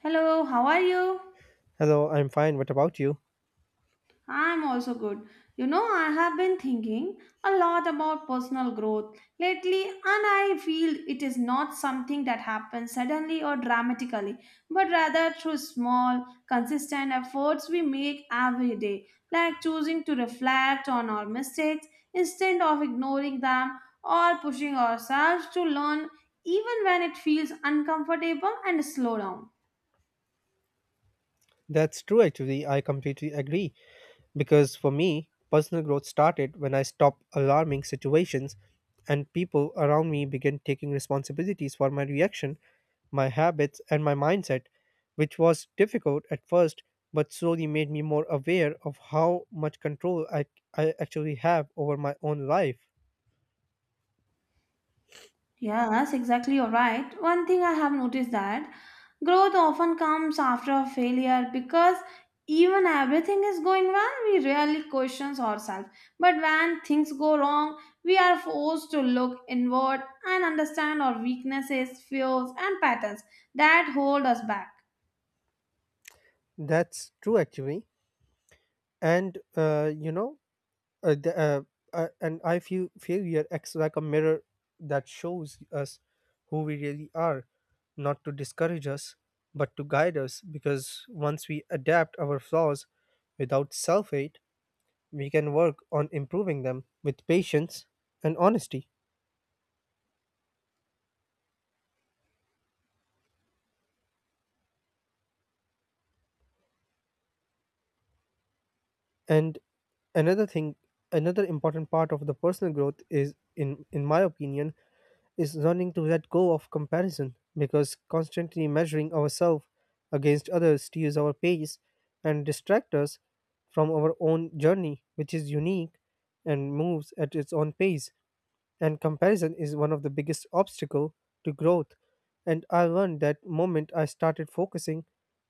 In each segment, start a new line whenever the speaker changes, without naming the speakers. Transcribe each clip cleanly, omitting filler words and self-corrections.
Hello, how are you?
Hello, I'm fine. What about you?
I'm also good. You know, I have been thinking a lot about personal growth lately, and I feel it is not something that happens suddenly or dramatically, but rather through small, consistent efforts we make every day, like choosing to reflect on our mistakes instead of ignoring them or pushing ourselves to learn even when it feels uncomfortable and slow down.
That's true, actually. I completely agree. Because for me, personal growth started when I stopped alarming situations and people around me began taking responsibilities for my reaction, my habits, and my mindset, which was difficult at first, but slowly made me more aware of how much control I actually have over my own life.
Yeah, that's exactly you're right. One thing I have noticed that growth often comes after a failure because even everything is going well, we rarely question ourselves. But when things go wrong, we are forced to look inward and understand our weaknesses, fears, and patterns that hold us back.
That's true, actually. And, uh, the, uh, and I feel failure acts like a mirror that shows us who we really are, not to discourage us, but to guide us. Because once we adapt our flaws without self hate, we can work on improving them with patience and honesty. And another thing, another important part of the personal growth is, in my opinion, is learning to let go of comparison because constantly measuring ourselves against others steals our pace and distracts us from our own journey, which is unique and moves at its own pace. And comparison is one of the biggest obstacle to growth. And I learned that moment I started focusing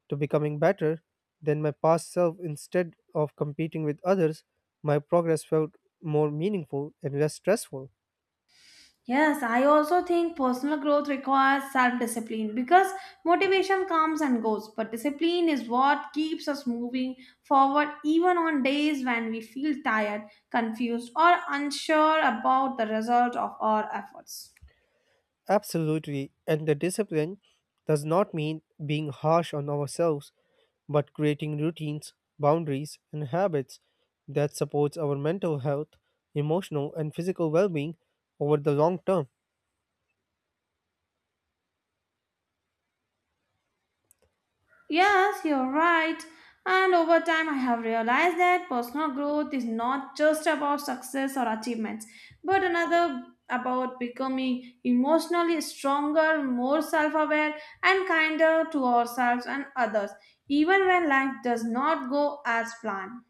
to becoming better than my past self instead of competing with others, my progress felt more meaningful and less stressful.
Yes, I also think personal growth requires self discipline because motivation comes and goes, but discipline is what keeps us moving forward even on days when we feel tired, confused, or unsure about the result of our efforts.
Absolutely, and the discipline does not mean being harsh on ourselves, but creating routines, boundaries, and habits that supports our mental health, emotional and physical well-being over the long term.
Yes, you're right. And over time, I have realized that personal growth is not just about success or achievements, but another about becoming emotionally stronger, more self aware, and kinder to ourselves and others, even when life does not go as planned.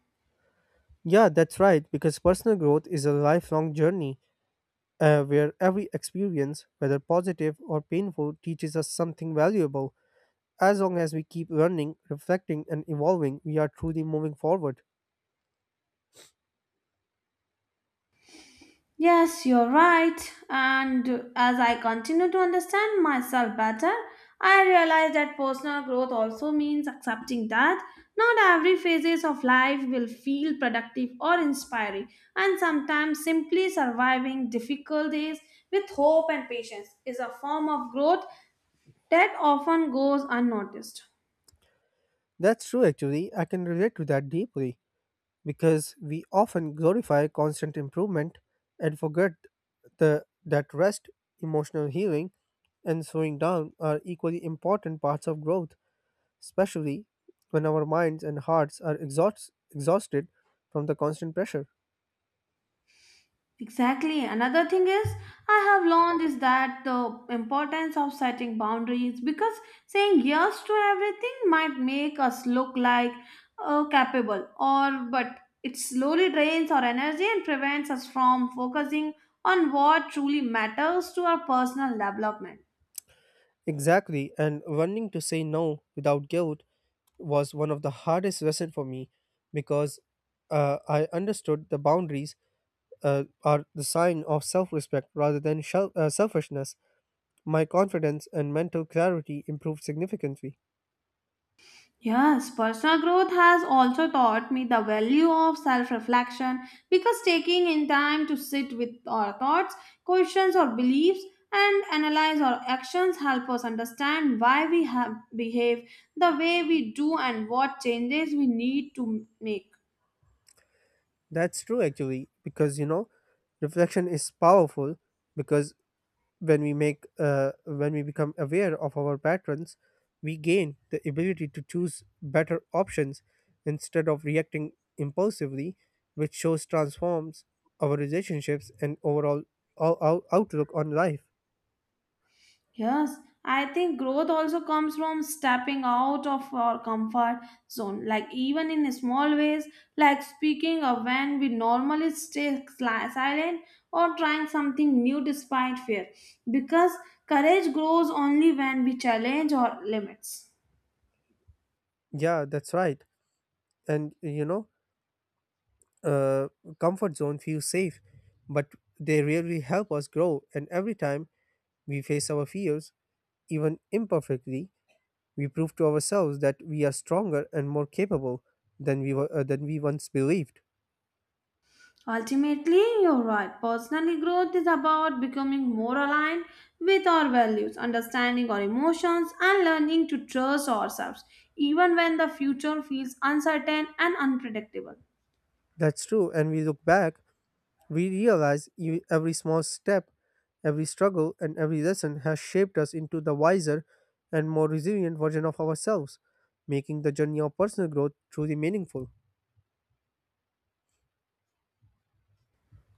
Yeah, that's right, because personal growth is a lifelong journey where every experience, whether positive or painful, teaches us something valuable. As long as we keep learning, reflecting, and evolving, we are truly moving forward.
Yes, you're right. And as I continue to understand myself better, I realize that personal growth also means accepting that not every phases of life will feel productive or inspiring, and sometimes simply surviving difficult days with hope and patience is a form of growth that often goes unnoticed.
That's true, actually. I can relate to that deeply, because we often glorify constant improvement and forget that rest, emotional healing, and slowing down are equally important parts of growth, especially when our minds and hearts are exhausted from the constant pressure.
Exactly. Another thing is, I have learned is that the importance of setting boundaries because saying yes to everything might make us look like capable, or but it slowly drains our energy and prevents us from focusing on what truly matters to our personal development.
Exactly, and learning to say no without guilt was one of the hardest lessons for me because I understood the boundaries are the sign of self respect rather than selfishness. My confidence and mental clarity improved significantly.
Yes, personal growth has also taught me the value of self reflection because taking in time to sit with our thoughts, questions, or beliefs and analyze our actions help us understand why we have behave the way we do and what changes we need to make.
That's true actually, because you know, reflection is powerful because when we become aware of our patterns, we gain the ability to choose better options instead of reacting impulsively, which shows transforms our relationships and overall ou- outlook on life.
Yes, I think growth also comes from stepping out of our comfort zone, like even in small ways, like speaking of when we normally stay silent or trying something new despite fear, because courage grows only when we challenge our limits.
Yeah, that's right. And you know, uh, comfort zone feels safe, but they really help us grow. And every time we face our fears, even imperfectly, we prove to ourselves that we are stronger and more capable than than we once believed.
Ultimately, you're right. Personally, growth is about becoming more aligned with our values, understanding our emotions, and learning to trust ourselves, even when the future feels uncertain and unpredictable.
That's true. And we look back. We realize every small step, every struggle, and every lesson has shaped us into the wiser and more resilient version of ourselves, making the journey of personal growth truly meaningful.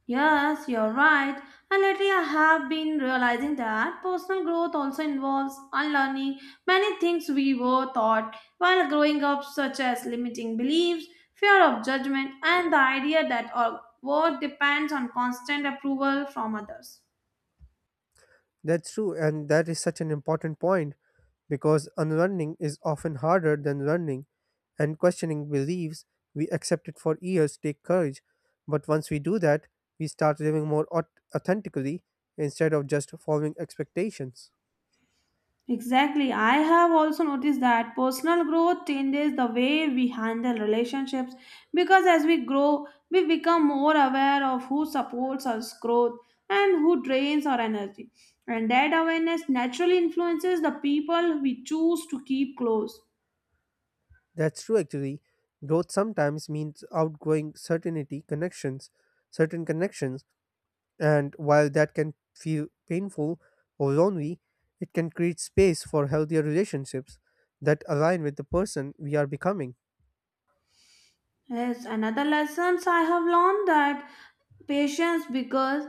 Yes, you're right. And lately, I have been realizing that personal growth also involves unlearning many things we were taught while growing up, such as limiting beliefs, fear of judgment, and the idea that our worth depends on constant approval from others.
That's true, and that is such an important point because unlearning is often harder than learning, and questioning beliefs we accepted for years take courage. But once we do that, we start living more authentically instead of just following expectations.
Exactly. I have also noticed that personal growth changes the way we handle relationships because as we grow, we become more aware of who supports our growth and who drains our energy. And that awareness naturally influences the people we choose to keep close.
That's true actually. Growth sometimes means outgrowing certain connections, and while that can feel painful or lonely, it can create space for healthier relationships that align with the person we are becoming.
Yes, another lessons I have learned that patience because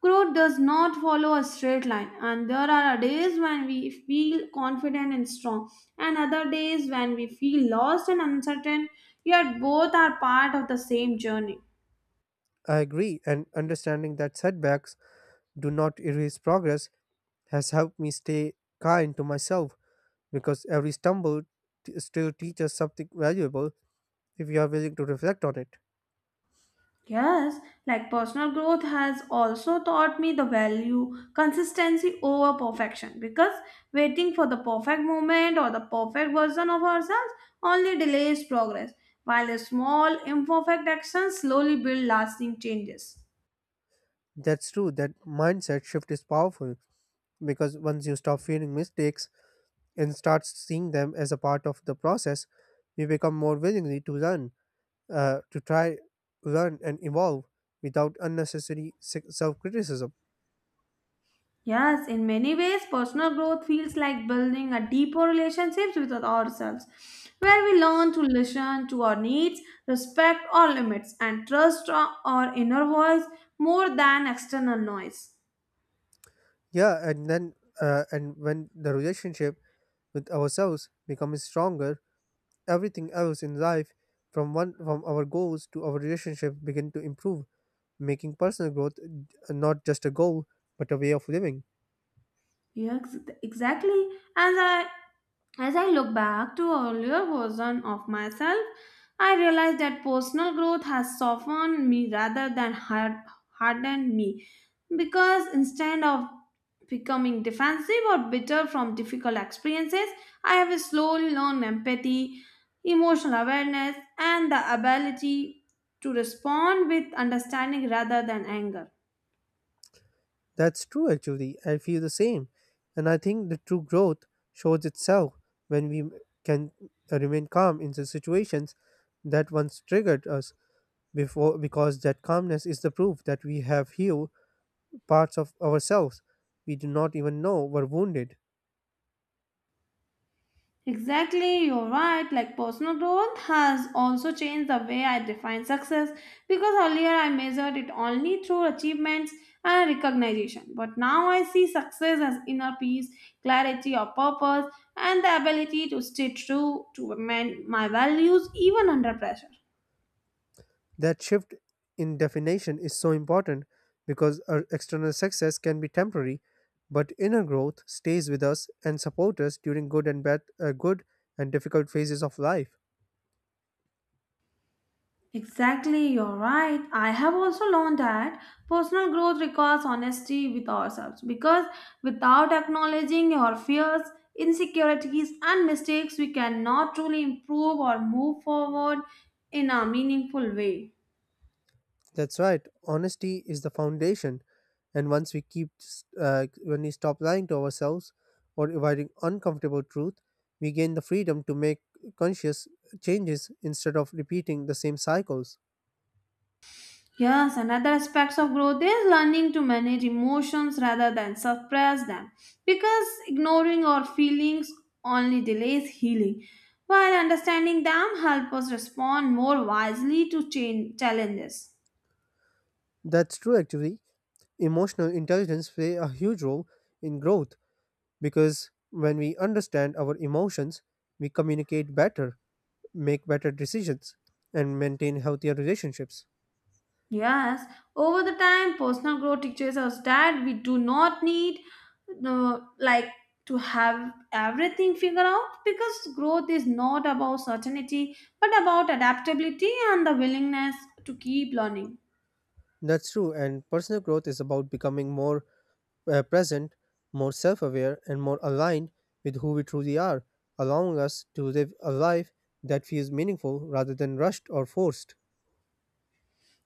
growth does not follow a straight line and there are days when we feel confident and strong and other days when we feel lost and uncertain yet both are part of the same journey.
I agree, and understanding that setbacks do not erase progress has helped me stay kind to myself because every stumble still teaches something valuable if you are willing to reflect on it.
Yes, like personal growth has also taught me the value consistency over perfection because waiting for the perfect moment or the perfect version of ourselves only delays progress, while a small imperfect actions slowly build lasting changes.
That's true, that mindset shift is powerful, because once you stop fearing mistakes and start seeing them as a part of the process, you become more willingly to learn, to try, learn, and evolve without unnecessary self criticism.
Yes, in many ways, personal growth feels like building a deeper relationships with ourselves, where we learn to listen to our needs, respect our limits, and trust our inner voice more than external noise.
Yeah, and then, and when the relationship with ourselves becomes stronger, everything else in life, from our goals to our relationship, begin to improve, making personal growth not just a goal but a way of living.
Yes, exactly. As I as I look back to earlier version of myself, I realize that personal growth has softened me rather than hardened me. Because instead of becoming defensive or bitter from difficult experiences, I have slowly learned empathy, emotional awareness, and the ability to respond with understanding rather than anger.
That's true, actually. I feel the same. And I think the true growth shows itself when we can remain calm in the situations that once triggered us before because that calmness is the proof that we have healed parts of ourselves we do not even know were wounded.
Exactly, you're right. Like personal growth has also changed the way I define success because earlier I measured it only through achievements and recognition. But now I see success as inner peace, clarity of purpose, and the ability to stay true to my values even under pressure.
That shift in definition is so important because our external success can be temporary, but inner growth stays with us and supports us during good and difficult phases of life.
Exactly, you're right. I have also learned that personal growth requires honesty with ourselves because without acknowledging our fears, insecurities, and mistakes, we cannot truly improve or move forward in a meaningful way.
That's right. Honesty is the foundation, and once we keep when we stop lying to ourselves or avoiding uncomfortable truth, we gain the freedom to make conscious changes instead of repeating the same cycles.
Yes, another aspect of growth is learning to manage emotions rather than suppress them because ignoring our feelings only delays healing, while understanding them help us respond more wisely to change challenges.
That's true actually. Emotional intelligence play a huge role in growth because when we understand our emotions, we communicate better, make better decisions, and maintain healthier relationships.
Yes, over the time, personal growth teaches us that we do not need uh, like to have everything figured out because growth is not about certainty but about adaptability and the willingness to keep learning.
That's true, and personal growth is about becoming more present, more self aware, and more aligned with who we truly are, allowing us to live a life that feels meaningful rather than rushed or forced.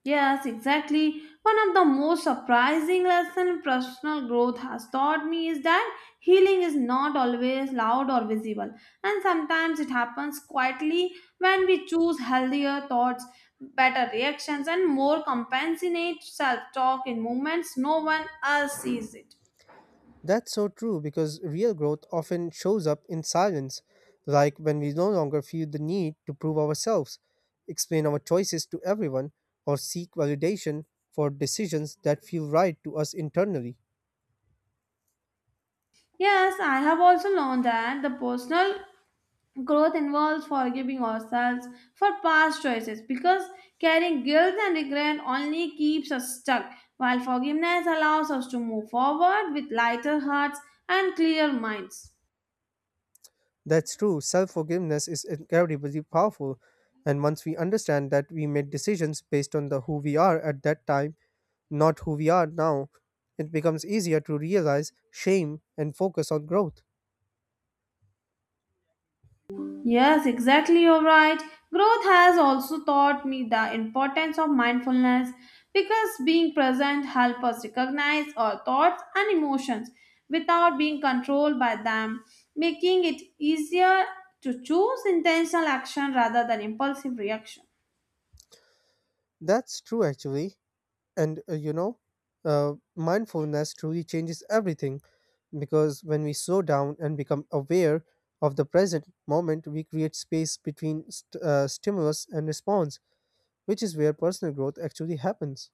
Yes, exactly. One of the most surprising lessons personal growth has taught me is that healing is not always loud or visible, and sometimes it happens quietly when we choose healthier thoughts, better reactions, and more compassionate self talk in moments no one else sees it.
That's so true because real growth often shows up in silence, like when we no longer feel the need to prove ourselves, explain our choices to everyone, or seek validation for decisions that feel right to us internally.
Yes, I have also learned that the personal growth involves forgiving ourselves for past choices because carrying guilt and regret only keeps us stuck, while forgiveness allows us to move forward with lighter hearts and clear minds.
That's true, self forgiveness is incredibly powerful, and once we understand that we made decisions based on the who we are at that time, not who we are now, it becomes easier to realize shame and focus on growth.
Yes, exactly. You're right. Growth has also taught me the importance of mindfulness because being present helps us recognize our thoughts and emotions without being controlled by them, making it easier to choose intentional action rather than impulsive reaction.
That's true actually. And you know, mindfulness truly changes everything because when we slow down and become aware of the present moment, we create space between stimulus and response, which is where personal growth actually happens.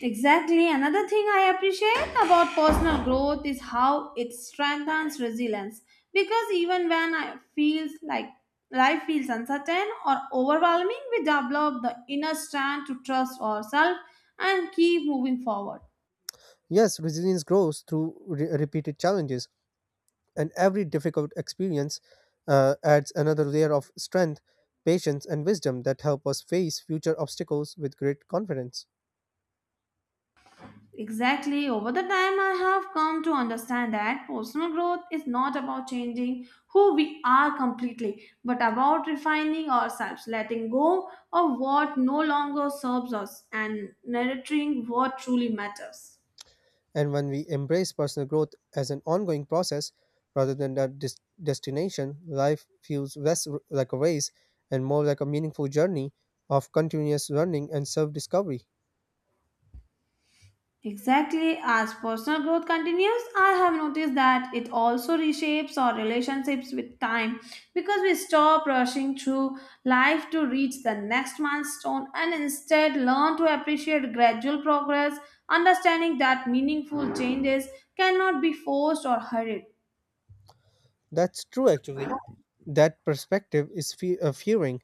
Exactly. Another thing I appreciate about personal growth is how it strengthens resilience. Because even when I feels like life feels uncertain or overwhelming, we develop the inner strength to trust ourselves and keep moving forward.
Yes, resilience grows through repeated challenges, and every difficult experience adds another layer of strength, patience, and wisdom that help us face future obstacles with great confidence.
Exactly. Over the time, I have come to understand that personal growth is not about changing who we are completely, but about refining ourselves, letting go of what no longer serves us, and nurturing what truly matters.
And when we embrace personal growth as an ongoing process rather than a destination, life feels less like a race and more like a meaningful journey of continuous learning and self discovery.
Exactly. As personal growth continues, I have noticed that it also reshapes our relationships with time because we stop rushing through life to reach the next milestone and instead learn to appreciate gradual progress, understanding that meaningful changes cannot be forced or hurried.
That's true, actually. That perspective is fe- uh, fearing,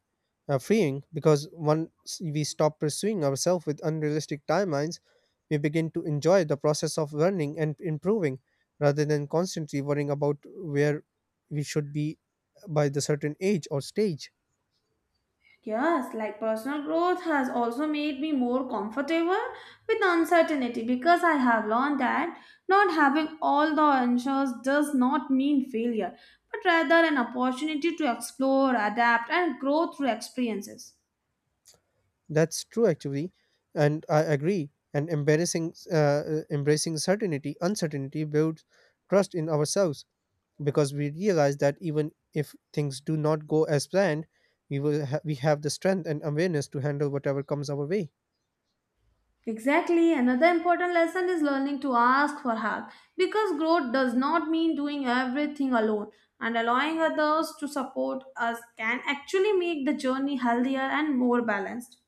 uh, freeing because once we stop pursuing ourselves with unrealistic timelines, we begin to enjoy the process of learning and improving rather than constantly worrying about where we should be by the certain age or stage.
Yes, like personal growth has also made me more comfortable with uncertainty because I have learned that not having all the answers does not mean failure, but rather an opportunity to explore, adapt, and grow through experiences.
That's true, actually, and I agree. And embracing uncertainty builds trust in ourselves because we realize that even if things do not go as planned, we have the strength and awareness to handle whatever comes our way.
Exactly, another important lesson is learning to ask for help because growth does not mean doing everything alone, and allowing others to support us can actually make the journey healthier and more balanced.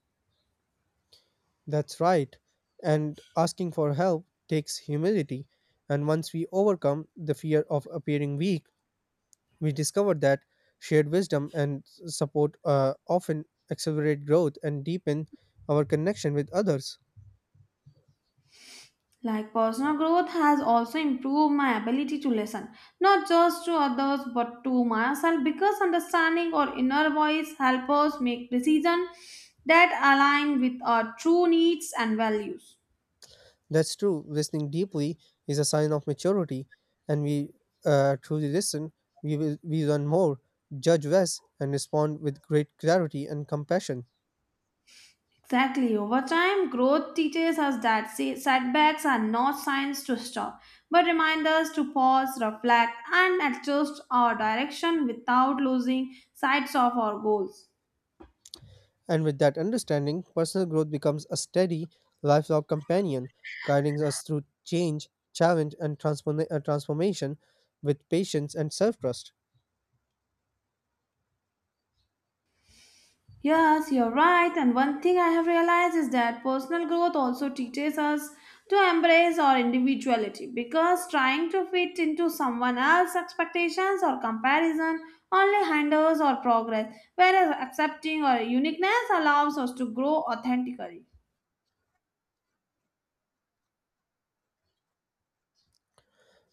That's right. And asking for help takes humility. And once we overcome the fear of appearing weak, we discover that shared wisdom and support often accelerate growth and deepen our connection with others.
Like personal growth has also improved my ability to listen, not just to others but to myself, because understanding our inner voice helps us make decisions that align with our true needs and values.
That's true. Listening deeply is a sign of maturity, and we truly listen. We learn more, judge less, and respond with great clarity and compassion.
Exactly, over time, growth teaches us that setbacks are not signs to stop, but remind us to pause, reflect, and adjust our direction without losing sight of our goals.
And with that understanding, personal growth becomes a steady, lifelong companion, guiding us through change, challenge, and transformation with patience and self trust.
Yes, you're right. And one thing I have realized is that personal growth also teaches us to embrace our individuality because trying to fit into someone else's expectations or comparison only hinders our progress, whereas accepting our uniqueness allows us to grow authentically.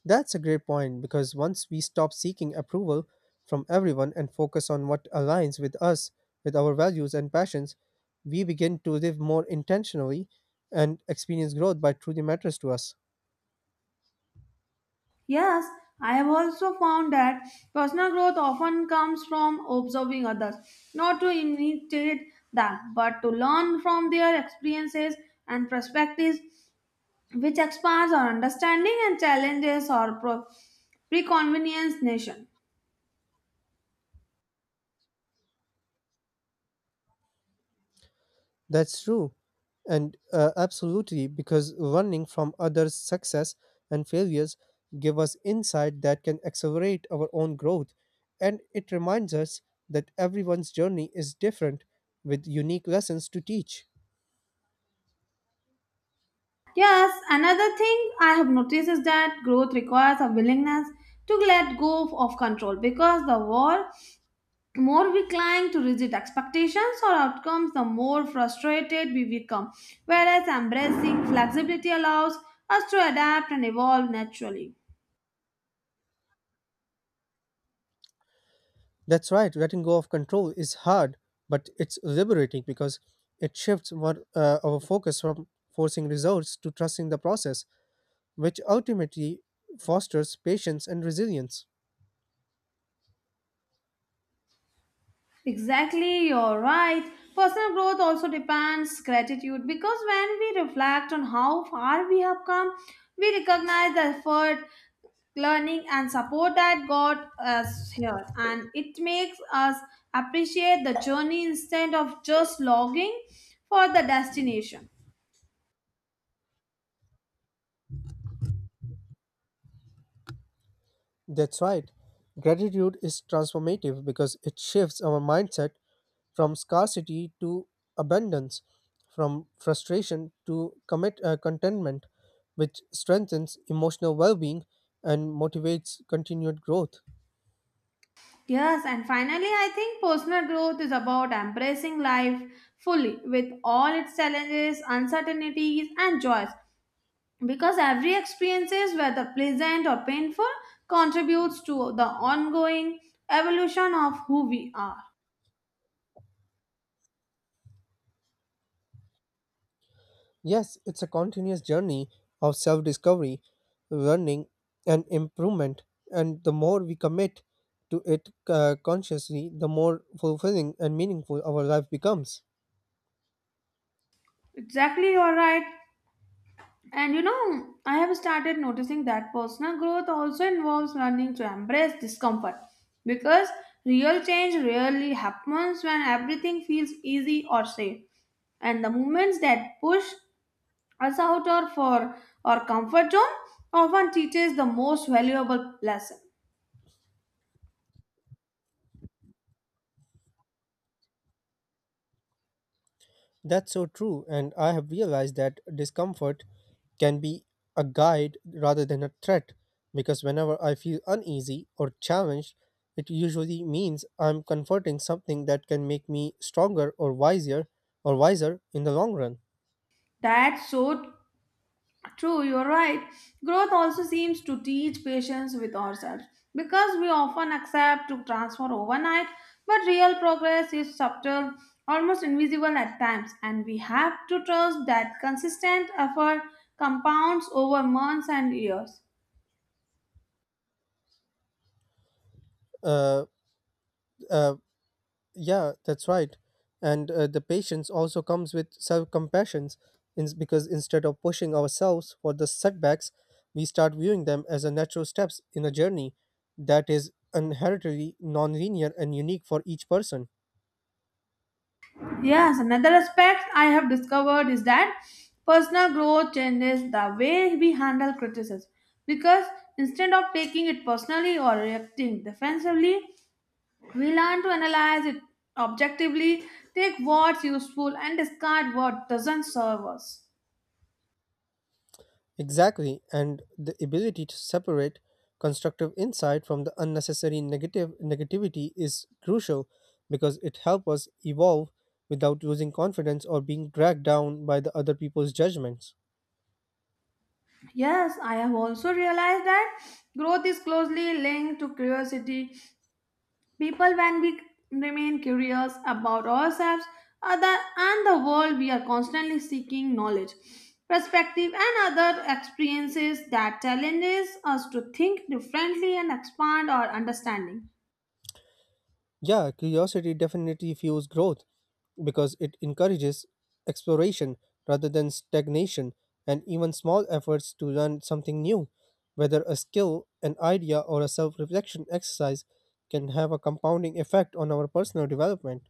That's a great point because once we stop seeking approval from everyone and focus on what aligns with us, with our values and passions, we begin to live more intentionally and experience growth by truly matters to us.
Yes, I have also found that personal growth often comes from observing others, not to imitate them, but to learn from their experiences and perspectives which expands our understanding and challenges our preconvenience nation.
That's true. And absolutely, because learning from others' success and failures give us insight that can accelerate our own growth. And it reminds us that everyone's journey is different with unique lessons to teach.
Yes, another thing I have noticed is that growth requires a willingness to let go of control because the world, more we cling to rigid expectations or outcomes, the more frustrated we become. Whereas embracing flexibility allows us to adapt and evolve naturally.
That's right. Letting go of control is hard, but it's liberating because it shifts our focus from forcing results to trusting the process, which ultimately fosters patience and resilience.
Exactly, you're right. Personal growth also depends gratitude because when we reflect on how far we have come, we recognize the effort, learning, and support that got us here, and it makes us appreciate the journey instead of just logging for the destination.
That's right. Gratitude is transformative because it shifts our mindset from scarcity to abundance, from frustration to contentment, which strengthens emotional well being and motivates continued growth.
Yes, and finally, I think personal growth is about embracing life fully with all its challenges, uncertainties, and joys because every experiences whether pleasant or painful contributes to the ongoing evolution of who we are.
Yes, it's a continuous journey of self discovery, learning, and improvement. And the more we commit to it consciously, the more fulfilling and meaningful our life becomes.
Exactly, you're right. And you know, I have started noticing that personal growth also involves learning to embrace discomfort because real change rarely happens when everything feels easy or safe and the movements that push us out or for our comfort zone often teaches the most valuable lesson.
That's so true. And I have realized that discomfort can be a guide rather than a threat because whenever I feel uneasy or challenged, it usually means I'm confronting something that can make me stronger or wiser in the long run.
That's so true, you're right. Growth also seems to teach patience with ourselves because we often accept to transform overnight, but real progress is subtle, almost invisible at times, and we have to trust that consistent effort compounds over months and years.
Uh, uh, Yeah, that's right. And the patience also comes with self compassion because instead of pushing ourselves for the setbacks, we start viewing them as a natural steps in a journey that is inherently nonlinear and unique for each person.
Yes, another aspect I have discovered is that personal growth changes the way we handle criticism because instead of taking it personally or reacting defensively, we learn to analyze it objectively, take what's useful, and discard what doesn't serve us.
Exactly, and the ability to separate constructive insight from the unnecessary negative negativity is crucial because it helps us evolve without losing confidence or being dragged down by the other people's judgments.
Yes, I have also realized that growth is closely linked to curiosity. People, when we remain curious about ourselves, other, and the world, we are constantly seeking knowledge, perspective, and other experiences that challenges us to think differently and expand our understanding.
Yeah, curiosity definitely fuels growth because it encourages exploration rather than stagnation, and even small efforts to learn something new, whether a skill, an idea, or a self reflection exercise, can have a compounding effect on our personal development.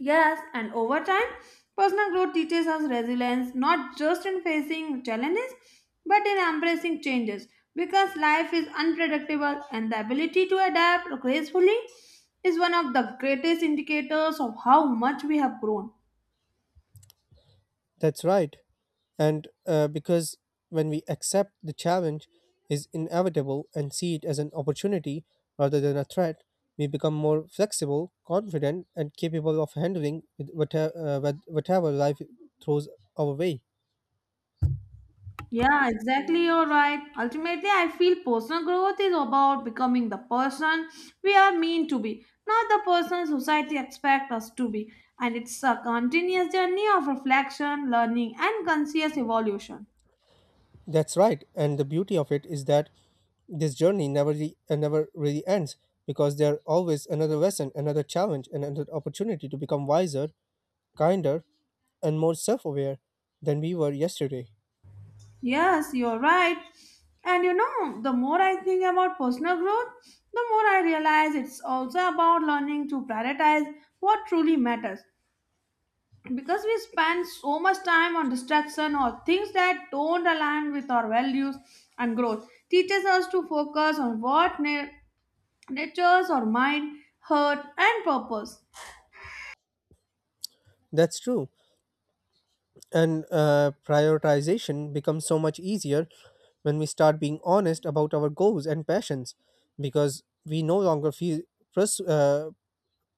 Yes, and over time, personal growth teaches us resilience not just in facing challenges but in embracing changes because life is unpredictable and the ability to adapt gracefully is one of the greatest indicators of how much we have grown.
That's right. And because when we accept the challenge is inevitable and see it as an opportunity rather than a threat, we become more flexible, confident, and capable of handling with whatever life throws our way.
Yeah, exactly. You're right. Ultimately, I feel personal growth is about becoming the person we are meant to be, not the person society expects us to be. And it's a continuous journey of reflection, learning, and conscious evolution.
That's right, and the beauty of it is that this journey never really ends because there are always another lesson, another challenge, and another opportunity to become wiser, kinder, and more self-aware than we were yesterday.
Yes, you're right. And you know, the more I think about personal growth, the more I realize it's also about learning to prioritize what truly matters because we spend so much time on distraction or things that don't align with our values and growth teaches us to focus on what natures or mind heart, and purpose.
That's true. And prioritization becomes so much easier when we start being honest about our goals and passions because we no longer feel press, uh,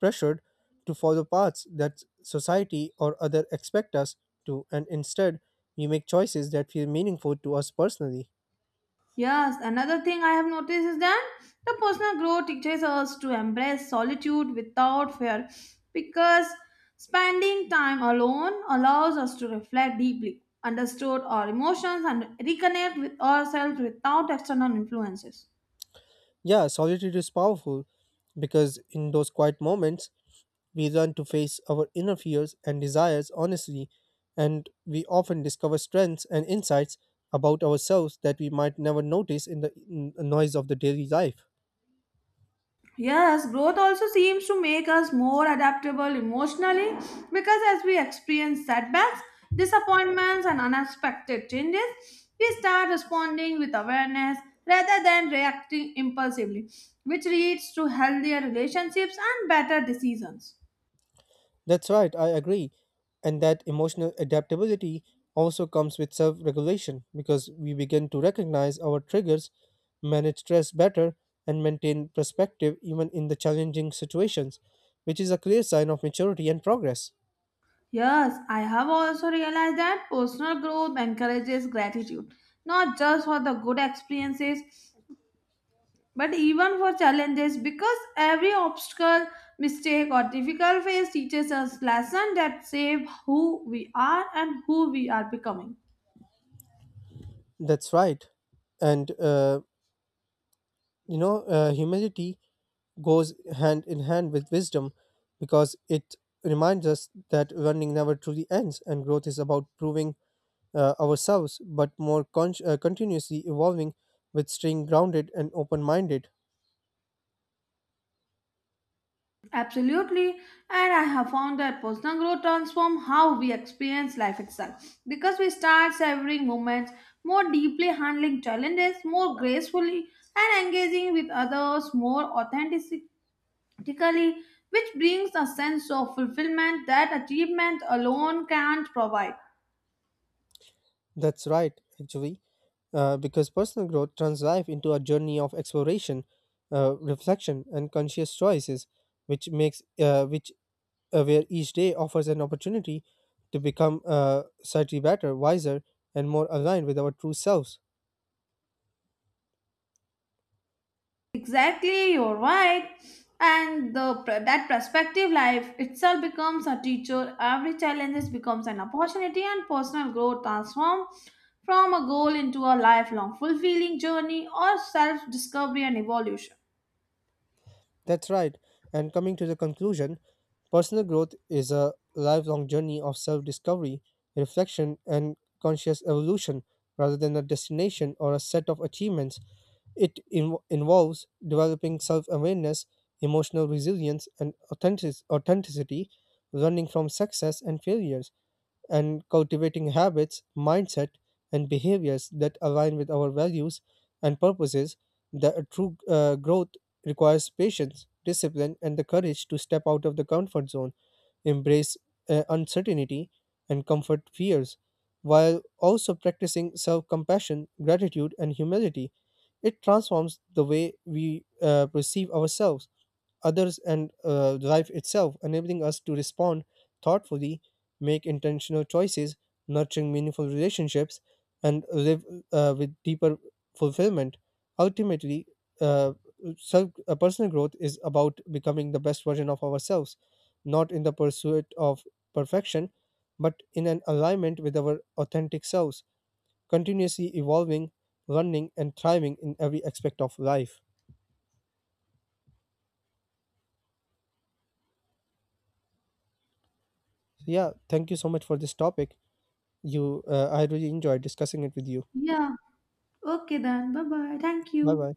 pressured to follow paths that society or other expect us to, and instead we make choices that feel meaningful to us personally.
Yes, another thing I have noticed is that the personal growth teaches us to embrace solitude without fear because spending time alone allows us to reflect deeply understood our emotions and reconnect with ourselves without external influences.
Yeah, solitude is powerful because in those quiet moments we learn to face our inner fears and desires honestly, and we often discover strengths and insights about ourselves that we might never notice in the noise of the daily life.
Yes, growth also seems to make us more adaptable emotionally because as we experience setbacks, disappointments, and unexpected changes, we start responding with awareness rather than reacting impulsively, which leads to healthier relationships and better decisions.
That's right, I agree. And that emotional adaptability also comes with self regulation because we begin to recognize our triggers, manage stress better, and maintain perspective even in the challenging situations, which is a clear sign of maturity and progress.
Yes, I have also realized that personal growth encourages gratitude, not just for the good experiences but even for challenges, because every obstacle, mistake, or difficult phase teaches us lessons that shape who we are and who we are becoming.
That's right. And humility goes hand in hand with wisdom because it reminds us that learning never truly ends and growth is about proving ourselves but more con- continuously evolving with staying grounded and open minded.
Absolutely, and I have found that personal growth transforms how we experience life itself because we start savoring moments more deeply, handling challenges more gracefully, and engaging with others more authentically, which brings a sense of fulfillment that achievement alone can't provide.
That's right, actually, because personal growth turns life into a journey of exploration, reflection, and conscious choices, which where each day offers an opportunity to become slightly better, wiser, and more aligned with our true selves.
Exactly, you're right. And the that prospective life itself becomes a teacher. Every challenge becomes an opportunity, and personal growth transforms from a goal into a lifelong fulfilling journey or self-discovery and evolution.
That's right. And coming to the conclusion, personal growth is a lifelong journey of self discovery, reflection, and conscious evolution rather than a destination or a set of achievements. It involves developing self awareness, emotional resilience, and authenticity, learning from success and failures and cultivating habits, mindset, and behaviors that align with our values and purposes. The true growth requires patience, discipline, and the courage to step out of the comfort zone, embrace uncertainty, and comfort fears, while also practicing self compassion, gratitude, and humility. It transforms the way we perceive ourselves, others, and life itself, enabling us to respond thoughtfully, make intentional choices, nurturing meaningful relationships, and live with deeper fulfillment. Ultimately, uh, personal growth is about becoming the best version of ourselves, not in the pursuit of perfection, but in an alignment with our authentic selves, continuously evolving, learning, and thriving in every aspect of life. So, yeah, thank you so much for this topic. I really enjoyed discussing it with you.
Yeah. Okay then. Bye bye. Thank
Bye
you.
bye.